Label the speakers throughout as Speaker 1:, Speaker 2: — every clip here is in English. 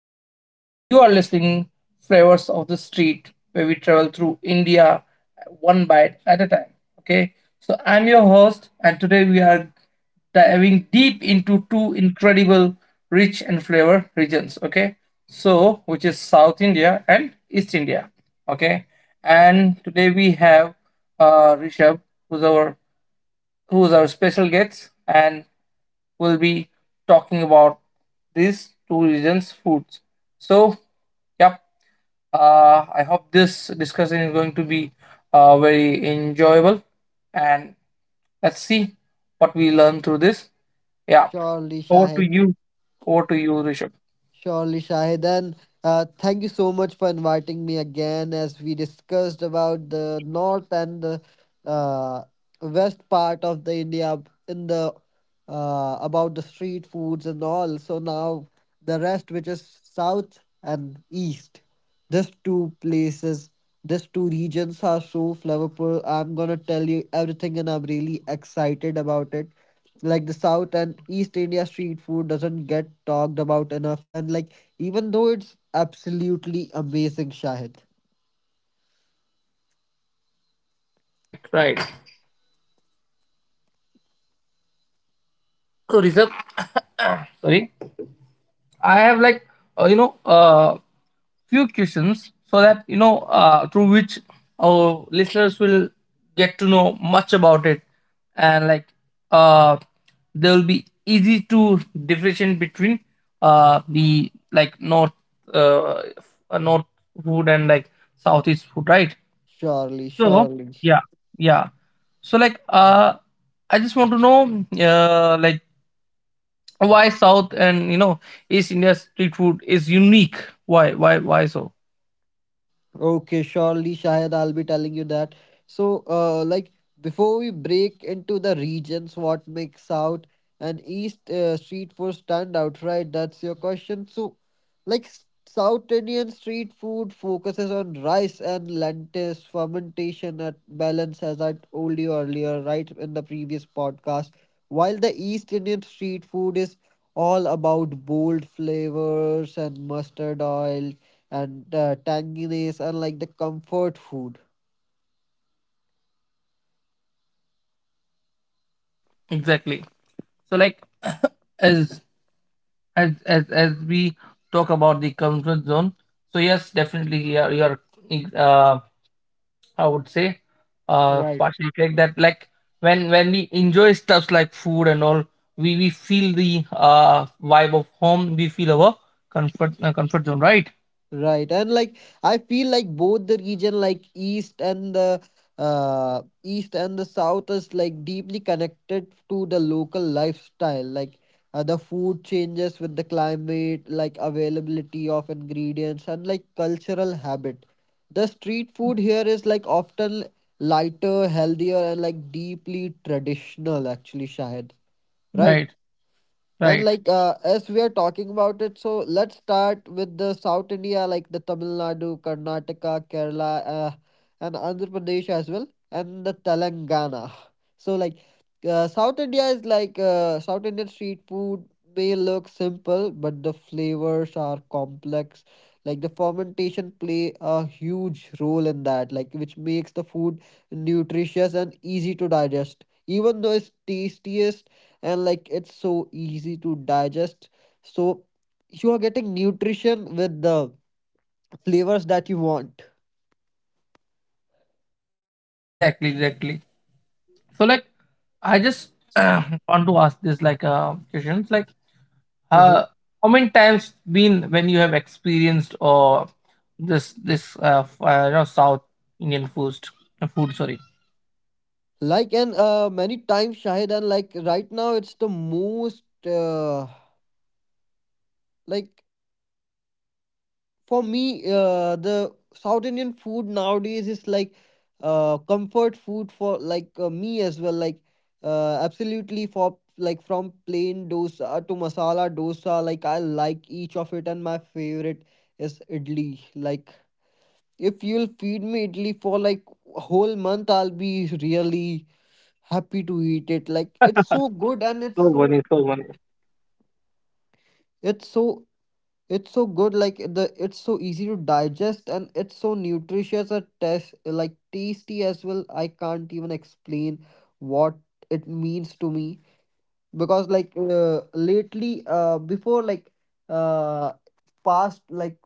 Speaker 1: show. So you are listening Flavors of the Street, where we travel through India one bite at a time. Okay, so I'm your host, and today we are diving deep into two incredible, rich and flavor regions. Okay, so which is South India and East India. Okay, and today we have Rishabh, who's our who's our special guest, and we'll be talking about these two regions' foods. So, yep, I hope this discussion is going to be very enjoyable, and let's see what we learn through this. Yeah,
Speaker 2: Surely,
Speaker 1: over to
Speaker 2: Shahid.
Speaker 1: you. Over to you, Rishabh.
Speaker 2: Surely, Shahid. And thank you so much for inviting me again as we discussed about the north and the uh, west part of the India in the about the street foods and all. So now the rest, which is south and east. These two places, these two regions are so flavorful. I'm gonna tell you everything, and I'm really excited about it. Like the South and East India street food doesn't get talked about enough, and like even though it's absolutely amazing, Shahid.
Speaker 1: Right, right. So, Rishabh, sorry, I have like uh, you know uh, few questions so that through which our listeners will get to know much about it, and like uh they will be easy to differentiate between the like uh, north food and like southeast food, right?
Speaker 2: Surely,
Speaker 1: So
Speaker 2: surely.
Speaker 1: yeah, yeah so like I just want to know like why south and east India street food is unique. Why so?
Speaker 2: Okay, surely, Shahid, I'll be telling you that. So, like before we break into the regions, what makes South and East street food stand out, right? That's your question. So, like South Indian street food focuses on rice and lentils fermentation at balance, as I told you earlier, right in the previous podcast. While the East Indian street food is all about bold flavors and mustard oil and tanginess are like the comfort food.
Speaker 1: Exactly, exactly. So like as as we talk about the comfort zone, so yes, definitely you're uh I would say
Speaker 2: Right.
Speaker 1: partially correct that like when we enjoy stuffs like food and all, we feel the vibe of home. We feel our comfort zone, right?
Speaker 2: Right. And like I feel like both the region like east and the south is like deeply connected to the local lifestyle. Like the food changes with the climate, like availability of ingredients and like cultural habit. The street food here is like often lighter, healthier and like deeply traditional actually, Shahid. Right.
Speaker 1: Right,
Speaker 2: And
Speaker 1: right.
Speaker 2: like as we are talking about it, so let's start with the South India, like the Tamil Nadu, Karnataka, Kerala, and Andhra Pradesh as well, and the Telangana. So like South Indian street food may look simple, but the flavors are complex. Like the fermentation play a huge role in that, like which makes the food nutritious and easy to digest. Even though it's tastiest and like it's so easy to digest so you are getting nutrition with the flavors that you want.
Speaker 1: Exactly, exactly. So like I just want to ask this like questions like.
Speaker 2: Mhm.
Speaker 1: Uh, how many times been when you have experienced or you know South Indian food food sorry.
Speaker 2: Like and many times, Shahid, and like right now it's the most like for me the south Indian food nowadays is like comfort food for like me as well like absolutely for like from plain dosa to masala dosa like I like each of it and my favorite is idli. Like if you'll feed me idli for like a whole month, I'll be really happy to eat it. Like it's so good and
Speaker 1: So funny, so funny.
Speaker 2: it's so it's so good. Like the it's so easy to digest and it's so nutritious and test like tasty as well. I can't even explain what it means to me because like lately before like uh past like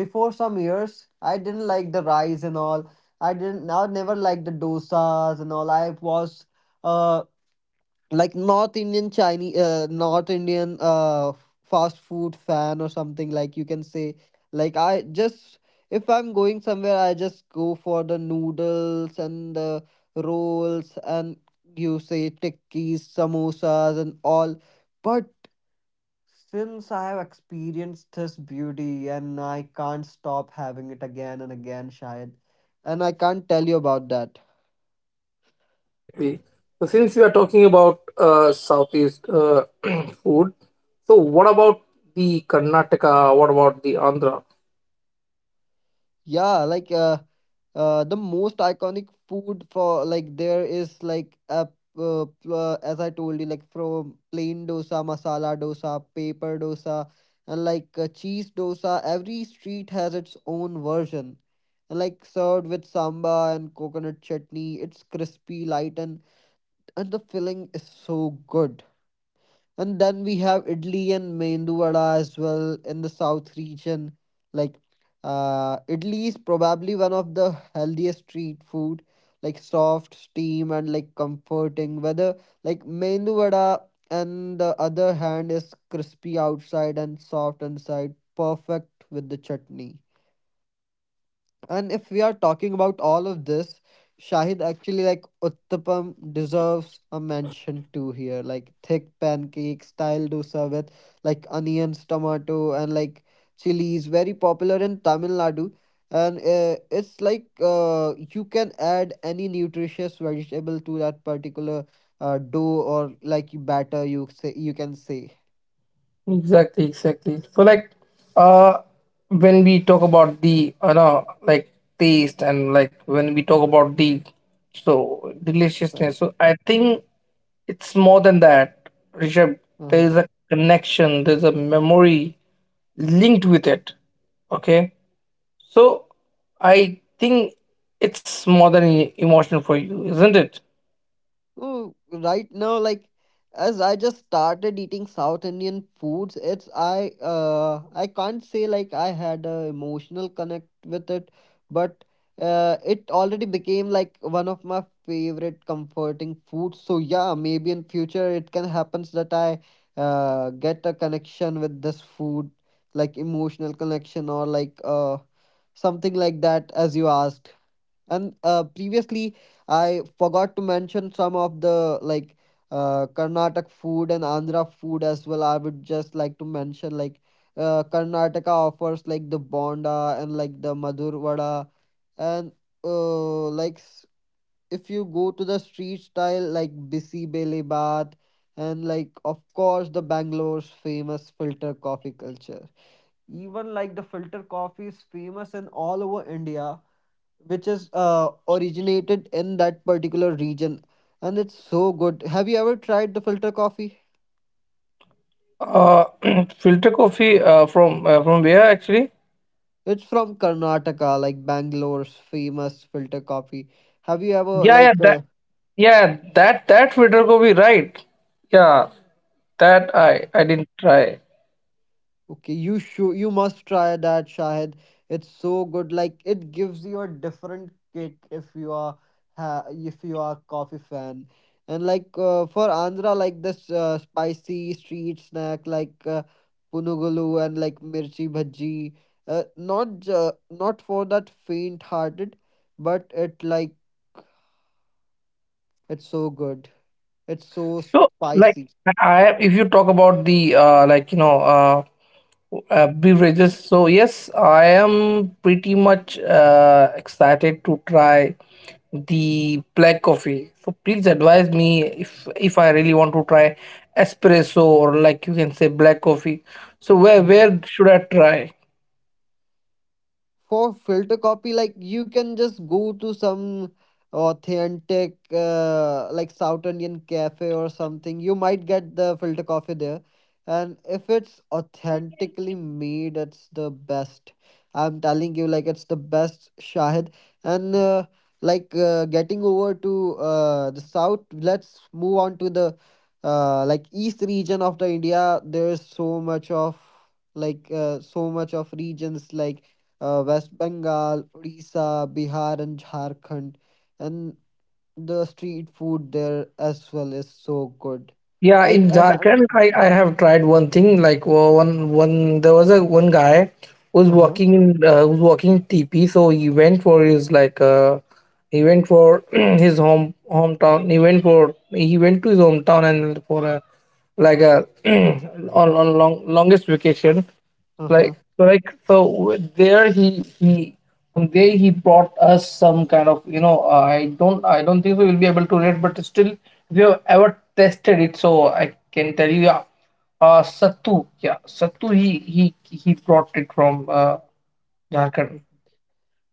Speaker 2: before some years I didn't like the rice and all. I never liked the dosas and all. I was uh like north Indian fast food fan or something like you can say. Like I just if I'm going somewhere I just go for the noodles and the rolls and you say tikkis, samosas and all, but since I have experienced this beauty and I can't stop having it again and again, Shayad. And I can't tell you about that.
Speaker 1: Exactly. So since we are talking about Southeast food, so what about the Karnataka? What about the Andhra?
Speaker 2: Yeah, like the most iconic food for like there is like as I told you, like from plain dosa, masala dosa, paper dosa, and like cheese dosa. Every street has its own version. And like served with samba and coconut chutney, it's crispy, light and the filling is so good. And then we have idli and mendu vada as well in the south region. Like, idli is probably one of the healthiest street food, like soft, steam, and like comforting. Whether like mendu vada and the other hand is crispy outside and soft inside, perfect with the chutney. And if we are talking about all of this, Shahid, actually like Uttapam deserves a mention too here. Like thick pancakes, style dosa with like onions, tomato, and like chilies, very popular in Tamil Nadu. And it's like you can add any nutritious vegetable to that particular dough or like batter. You say you can say.
Speaker 1: Exactly, exactly. So like uh when we talk about the, you know, like taste, and like when we talk about the so
Speaker 2: Right.
Speaker 1: deliciousness, so I think it's more than that, Rishabh.
Speaker 2: Uh
Speaker 1: There
Speaker 2: huh.
Speaker 1: is a connection, there's a memory linked with it. Okay. So I think it's more than emotional for you, isn't it?
Speaker 2: Oh, right now, like as I just started eating South Indian foods, it's I can't say like I had a emotional connect with it, but it already became like one of my favorite comforting foods. So yeah, maybe in future it can happens that I get a connection with this food, like emotional connection or like something like that as you asked. And previously I forgot to mention some of the like Karnataka food and Andhra food as well. I would just like to mention like Karnataka offers like the bonda and like the madur vada and like if you go to the street style like bisi bele bath and like of course the Bangalore's famous filter coffee culture. Even like the filter coffee is famous in all over India, which is originated in that particular region, and it's so good. Have you ever tried the filter coffee?
Speaker 1: Uh filter coffee from where actually?
Speaker 2: It's from Karnataka, like Bangalore's famous filter coffee. Have you ever
Speaker 1: Yeah, yeah,
Speaker 2: like
Speaker 1: that. Yeah, that that Vidar be, right? Yeah, that I didn't try.
Speaker 2: okay, you should you must try that, Shahid. It's so good. Like it gives you a different kick if you are ha if you are coffee fan. And like for Andhra, like this spicy street snack like punugulu and like mirchi bhaji. Uh, not ju not for that faint-hearted, but it like it's so good. It's so
Speaker 1: So like
Speaker 2: spicy.
Speaker 1: if you talk about the, like, you know, beverages, so yes, I am pretty much excited to try the black coffee. So please advise me if I really want to try espresso or like you can say black coffee. So where should I try?
Speaker 2: For filter copy, like you can just go to some authentic like south Indian cafe or something. You might get the filter coffee there, and if it's authentically made, it's the best. I'm telling you, like it's the best, Shahid. And like getting over to the south, let's move on to the like east region of the India. There's so much of like so much of regions like West Bengal, Odisha, Bihar, and Jharkhand. And the street food there as well is so good.
Speaker 1: Yeah,
Speaker 2: Like,
Speaker 1: in
Speaker 2: as I'm.
Speaker 1: Jharkhand, I have tried one thing like wo- one one there was a one guy who's
Speaker 2: Uh huh.
Speaker 1: walking in who's walking TP, so he went for his like he went for his home hometown. He went to his hometown and for a like a on long longest vacation
Speaker 2: Uh huh.
Speaker 1: like so there he from there he brought us some kind of, you know, I don't think so we'll be able to read, but still, if you have ever tested it, so I can tell you. Yeah, sattu. Yeah, sattu. He brought it from uh Jharkhand.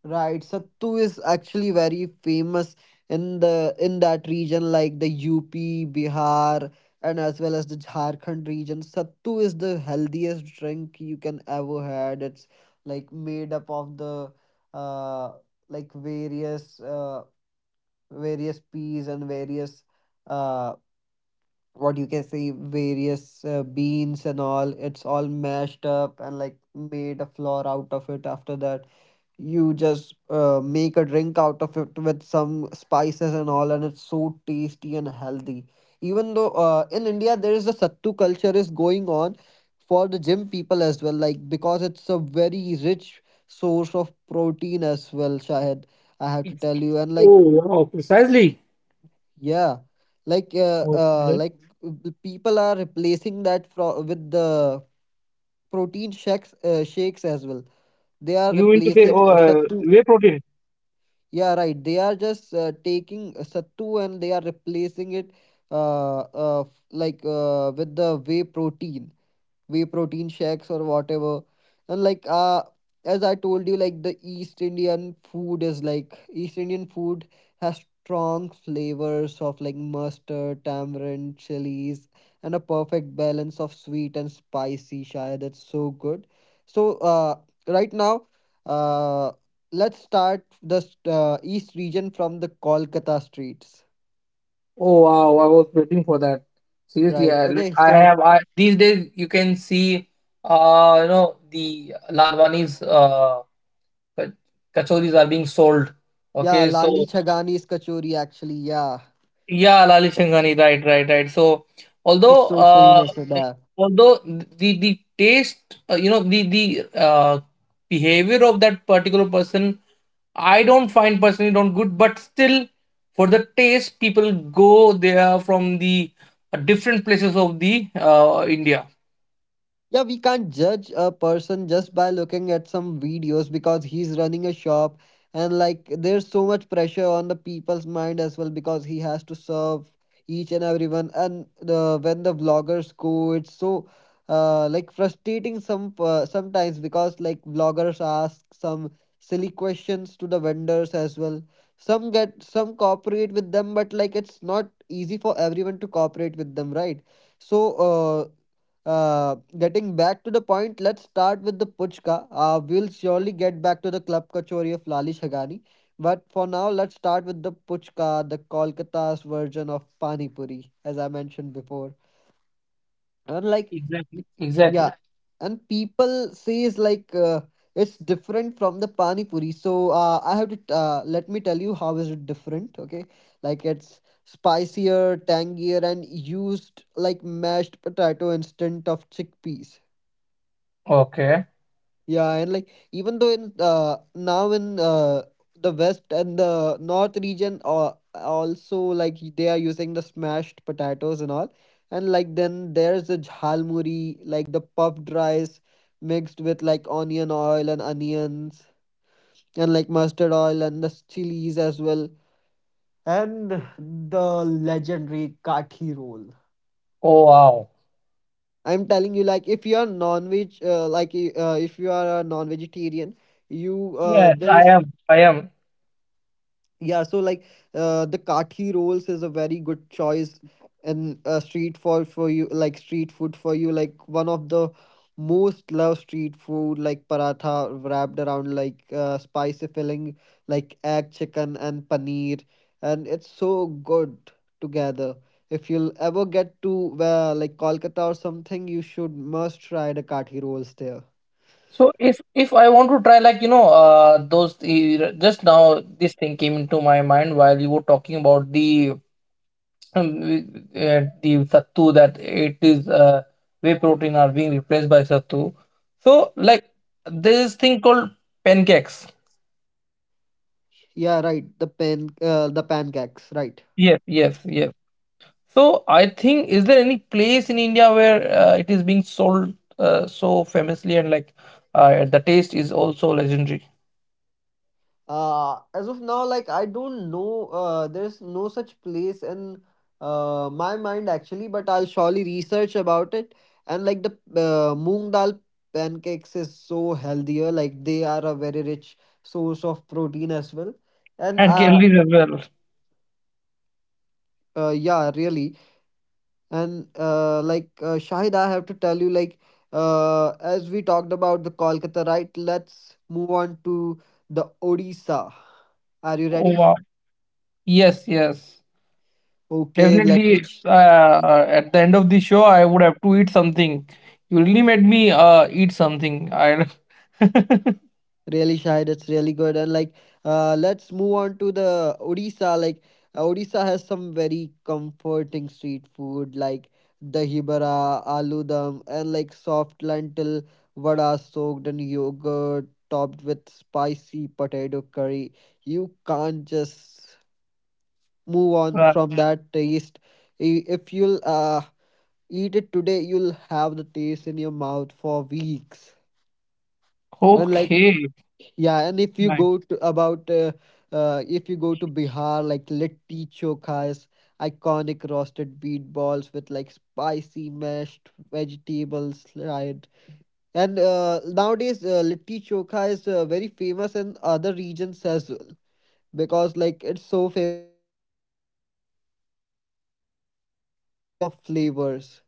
Speaker 2: Right, Sattu is actually very famous in the in that region like the UP, Bihar and as well as the Jharkhand region. Sattu is the healthiest drink you can ever had. It's like made up of the uh like various peas and various uh what you can say various beans and all. It's all mashed up and like made a flour out of it. After that you just make a drink out of it with some spices and all, and it's so tasty and healthy. Even though in India there is a sattu culture is going on for the gym people as well like because it's a very rich source of protein as well, Shahid. I have to
Speaker 1: It's-
Speaker 2: tell you. And like
Speaker 1: Oh, wow, precisely.
Speaker 2: yeah,
Speaker 1: Okay.
Speaker 2: like the people are replacing that with the protein shakes shakes as well. They are
Speaker 1: You mean to say,
Speaker 2: replacing
Speaker 1: oh,
Speaker 2: sattu.
Speaker 1: whey protein?
Speaker 2: Yeah, right. They are just taking sattu and they are replacing it with the whey protein, whey protein shakes or whatever. And like as I told you, like the east Indian food is like east Indian food has strong flavors of like mustard, tamarind, chilies, and a perfect balance of sweet and spicy, Shaya. That's so good. So uh right now uh let's start the east region from the Kolkata streets.
Speaker 1: Oh wow, I was waiting for that. Seriously,
Speaker 2: Right,
Speaker 1: I, like,
Speaker 2: okay.
Speaker 1: I
Speaker 2: So
Speaker 1: have these days you can see you know the Lalwani's ka- kachoris are being sold.
Speaker 2: yeah,
Speaker 1: Okay,
Speaker 2: Lali
Speaker 1: so
Speaker 2: Chagani's kachori, actually. Yeah.
Speaker 1: yeah, Lali Shangani, right, right, right. So,
Speaker 2: You're
Speaker 1: although
Speaker 2: so famous for that.
Speaker 1: the you know, the behavior of that particular person, I don't find personally don't good, but still, for the taste, people go there from the different places of the India.
Speaker 2: Yeah, we can't judge a person just by looking at some videos because he's running a shop, and like there's so much pressure on the people's mind as well because he has to serve each and everyone. And the when the vloggers go, it's so like frustrating sometimes because like vloggers ask some silly questions to the vendors as well. Some get some cooperate with them, but like it's not easy for everyone to cooperate with them, right? So getting back to the point, let's start with the Puchka. We'll surely get back to the club kachori of Lali Shagani. But for now, let's start with the Puchka, the Kolkata's version of Pani Puri, as I mentioned before. And like,
Speaker 1: Exactly. Exactly.
Speaker 2: yeah, and people says like it's different from the Pani Puri. So I have to let me tell you how is it different. Okay, like it's spicier, tangier, and used like mashed potato instead of chickpeas.
Speaker 1: Okay.
Speaker 2: Yeah, and like even though in now in the west and the north region also like they are using the smashed potatoes and all, and like then there's the jhalmuri like the puffed rice mixed with like onion oil and onions and like mustard oil and the chilies as well. And the legendary kathi roll.
Speaker 1: Oh wow.
Speaker 2: I'm telling you, like if you are non-veg, if you are a non-vegetarian, you
Speaker 1: Yes,
Speaker 2: there
Speaker 1: I
Speaker 2: is.
Speaker 1: am. I am.
Speaker 2: Yeah, so the kathi rolls is a very good choice and street for you like street food for you, like one of the most loved street food, like paratha wrapped around like spicy filling like egg, chicken and paneer, and it's so good together. If you'll ever get to like Kolkata or something, you should must try the kathi rolls there.
Speaker 1: So if I want to try like, you know, those the, just now this thing came into my mind while you were talking about um, the sattu, that it is, whey protein are being replaced by sattu. So like there is thing called pancakes.
Speaker 2: Yeah, right. The pancakes, right.
Speaker 1: Yes, yes, yes. So I think, is there any place in India where it is being sold so famously, and like the taste is also legendary
Speaker 2: As of now, like I don't know, there's no such place in my mind actually, but I'll surely research about it. And like the moong dal pancakes is so healthier, like they are a very rich source of protein as well. And
Speaker 1: and calories as well.
Speaker 2: yeah, really. And Shahid, I have to tell you, like as we talked about the Kolkata, right, let's move on to the Odisha. Are you
Speaker 1: Oh
Speaker 2: ready?
Speaker 1: wow. Yes, yes.
Speaker 2: Okay, let me.
Speaker 1: Definitely, at the end of the show, I would have to eat something. You really made me eat something. I
Speaker 2: Really, shy. That's really good. And like, let's move on to the Odisha. Like, Odisha has some very comforting street food, like dahi bara, aloo dum, and like soft lentil vada soaked in yogurt, topped with spicy potato curry. You can't just move on
Speaker 1: Uh,
Speaker 2: from that taste. If you'll eat it today, you'll have the taste in your mouth for weeks. And like.
Speaker 1: okay.
Speaker 2: Yeah, and if you
Speaker 1: Right.
Speaker 2: go to about if you go to Bihar, like litti chokha is iconic roasted wheat balls with like spicy mashed vegetables, right? And nowadays, litti chokha is very famous in other regions as well, because like it's so famous on internet. Like it's rustic, simple, and like full of flavors.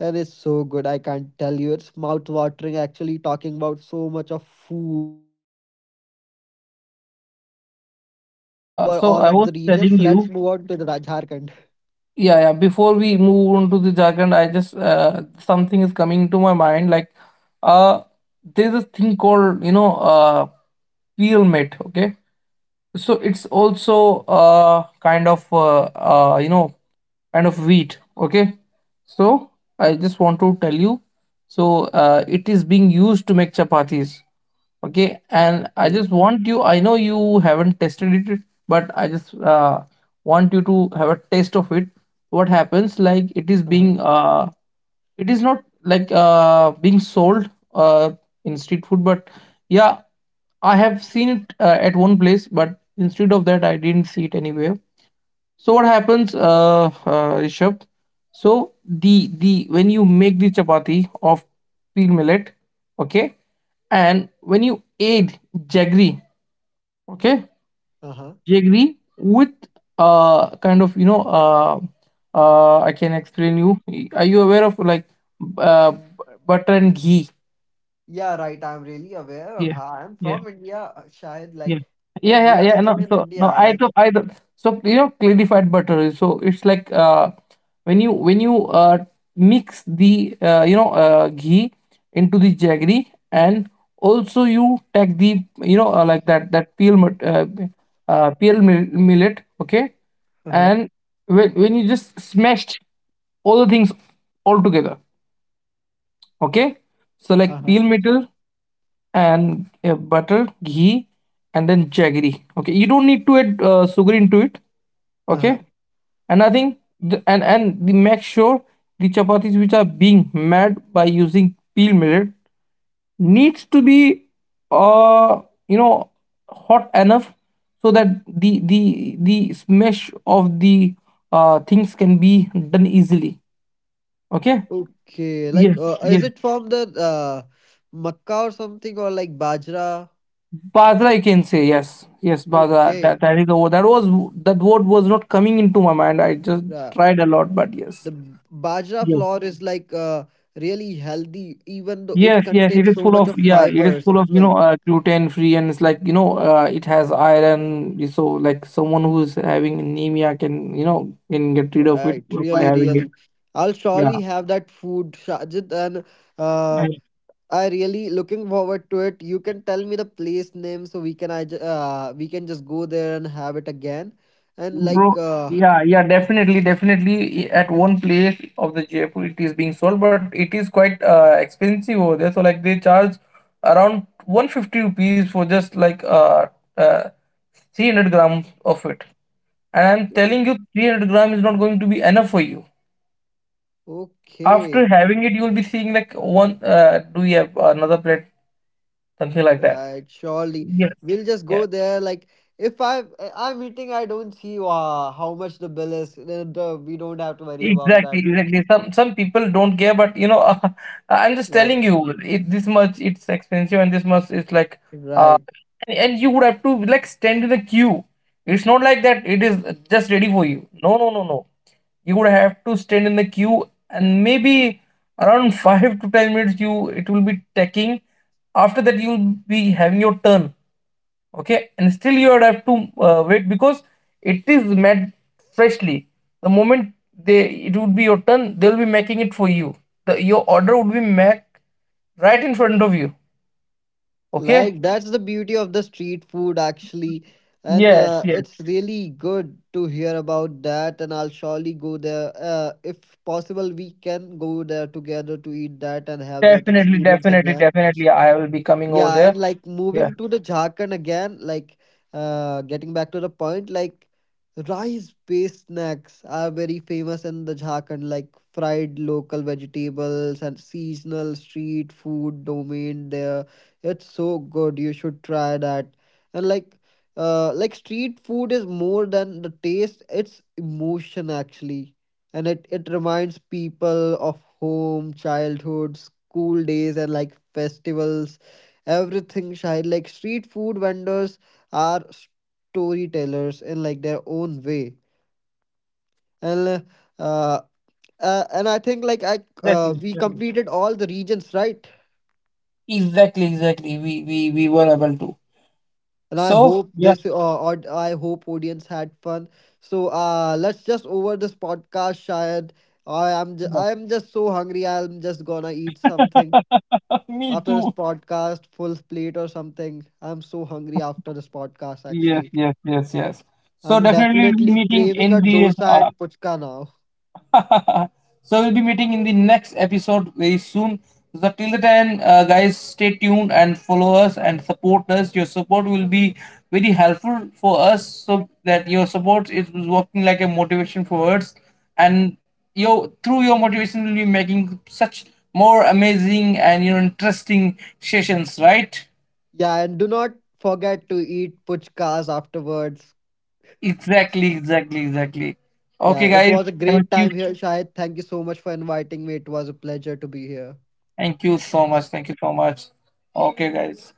Speaker 2: And it's so good, I can't tell you. It's mouth watering, actually, talking about so much of food. But still, as we have to cover all of the
Speaker 1: So I
Speaker 2: regions,
Speaker 1: was
Speaker 2: let's move
Speaker 1: telling
Speaker 2: on to the
Speaker 1: you,
Speaker 2: Jharkhand.
Speaker 1: yeah, yeah. Before we move on to the Jharkhand, I just something is coming to my mind. Like, uh, there's a thing called, you know, Pyramid. Okay. So it's also you know, kind of wheat. Okay, so I just want to tell you. So it is being used to make chapatis. Okay, and I
Speaker 2: Okay.
Speaker 1: just want you. I know you haven't tested it, but I just want you to have a taste of it. What happens? Like it is
Speaker 2: Uh-huh.
Speaker 1: being it is not like being sold in street food, but yeah, I have seen it at one place, but instead of that, I didn't see it anywhere. So what happens, Rishabh, so the when you make the chapati of peel millet, okay, and when you add jaggery, okay,
Speaker 2: Uh-huh.
Speaker 1: we agree with kind of, you know, I can explain you. Are you aware of like uh butter and ghee?
Speaker 2: Yeah, right. I'm really aware of
Speaker 1: Yeah,
Speaker 2: how I'm from India, Shahid,
Speaker 1: Yeah,
Speaker 2: like,
Speaker 1: yeah,
Speaker 2: and we
Speaker 1: yeah,
Speaker 2: are
Speaker 1: yeah. No,
Speaker 2: still in
Speaker 1: so no,
Speaker 2: India, like.
Speaker 1: so you know clarified butter. So it's like when you mix the, ghee into the jaggery, and also you take the, you know, like that that peel peel millet, okay,
Speaker 2: Uh-huh.
Speaker 1: and when you just smashed all the things all together, okay, so like
Speaker 2: Uh-huh.
Speaker 1: peel millet and, butter, ghee, and then jaggery. Okay, you don't need to add sugar into it.
Speaker 2: Uh-huh.
Speaker 1: Okay, and I think the, make sure the chapatis which are being made by using peel millet needs to be uh you know hot enough, so that the smash of the things can be done easily. Okay.
Speaker 2: Okay. Like,
Speaker 1: Yes. Yes.
Speaker 2: is it from the uh, Makkah or something, or like Bajra?
Speaker 1: Badra, you can say, yes, yes, Badra. That,
Speaker 2: Okay.
Speaker 1: that is the word. That word was not coming into my mind. I just
Speaker 2: Yeah.
Speaker 1: tried a lot, but yes,
Speaker 2: Bajra
Speaker 1: yes,
Speaker 2: flour is like really healthy, even though it
Speaker 1: yes, yes. It
Speaker 2: contains
Speaker 1: is
Speaker 2: so
Speaker 1: full
Speaker 2: much
Speaker 1: of,
Speaker 2: of
Speaker 1: yeah. It is
Speaker 2: fibers
Speaker 1: full of,
Speaker 2: as
Speaker 1: you know,
Speaker 2: well.
Speaker 1: gluten free, and it's like, you know, it has iron. So like someone who is having anemia can, you know, can get rid of it
Speaker 2: Right,
Speaker 1: by
Speaker 2: really,
Speaker 1: having it.
Speaker 2: really. I'll
Speaker 1: Yeah,
Speaker 2: surely have that food, Sajid, and uh, I really looking forward to it. You can tell me the place name so we can we can just go there and have it again. And like,
Speaker 1: bro, yeah, yeah, definitely, definitely. At one place of the Jaipur, it is being sold, but it is quite expensive over there. So like they charge around 150 rupees for just like uh 300 grams of it. And I'm telling you, 300 gram is not going to be enough for you.
Speaker 2: okay,
Speaker 1: After having it, you will be seeing like one. Do we have another plate? Something like that.
Speaker 2: right, surely we'll just
Speaker 1: Yes.
Speaker 2: go there. Like, if I'm eating, I don't see how much the bill is. Then the, we don't have to worry about
Speaker 1: Exactly,
Speaker 2: that.
Speaker 1: exactly. Some people don't care, but you know, I'm just
Speaker 2: Right,
Speaker 1: telling you, it this much it's expensive and this much it's like, uh,
Speaker 2: right.
Speaker 1: and you would have to like stand in a queue. It's not like that. It is just ready for you. No, no, no, no. You would have to stand in the queue, and maybe around 5 to 10 minutes, you it will be taking. After that, you'll be having your turn, okay, and still you would have to wait, because it is made freshly. The moment they it would be your turn, they'll be making it for you. Your order would be made right in front of you, okay.
Speaker 2: Like that's the beauty of the street food actually. And
Speaker 1: Yes, yes,
Speaker 2: it's really good to hear about that, and I'll surely go there. If possible, we can go there together to eat that and have that
Speaker 1: definitely,
Speaker 2: experience
Speaker 1: definitely,
Speaker 2: again.
Speaker 1: definitely, I will be coming over
Speaker 2: Yeah,
Speaker 1: there.
Speaker 2: and like
Speaker 1: Yeah,
Speaker 2: moving to the Jharkhand again, like getting back to the point, like rice-based snacks are very famous in the Jharkhand, like fried local vegetables and seasonal street food domain there. It's so good. You should try that. And like street food is more than the taste, it's emotion actually. And it reminds people of home, childhood, school days, and like festivals. Everything shine, like street food vendors are storytellers in like their own way. And uh, and I think like I
Speaker 1: exactly,
Speaker 2: we
Speaker 1: exactly,
Speaker 2: completed all the regions, right?
Speaker 1: exactly, exactly. We were able to,
Speaker 2: And I
Speaker 1: so
Speaker 2: hope
Speaker 1: yes,
Speaker 2: this I hope audience had fun. So let's just over this podcast, Shayad.
Speaker 1: yes.
Speaker 2: I am just so hungry, I'm just gonna eat something
Speaker 1: Me
Speaker 2: after this
Speaker 1: too.
Speaker 2: podcast, full plate or something. I'm so hungry after this podcast
Speaker 1: Yes,
Speaker 2: actually.
Speaker 1: yes, yes, yes. So
Speaker 2: I'm
Speaker 1: definitely we'll be
Speaker 2: definitely
Speaker 1: meeting
Speaker 2: craving a
Speaker 1: in the,
Speaker 2: dosa and puchka now.
Speaker 1: so we'll be meeting in the next episode very soon. So till the time, guys, stay tuned and follow us and support us. Your support will be very helpful for us, so that your support is working like a motivation for us, and your through your motivation will be making such more amazing and you know interesting sessions, right?
Speaker 2: Yeah, and do not forget to eat puchkas afterwards.
Speaker 1: Exactly, exactly, exactly. Okay,
Speaker 2: Yeah, it
Speaker 1: guys,
Speaker 2: was a
Speaker 1: thank
Speaker 2: great
Speaker 1: you,
Speaker 2: time here, Shahid. Thank you so much for inviting me. It was a pleasure to be here.
Speaker 1: thank you so much, thank you so much. Okay, guys.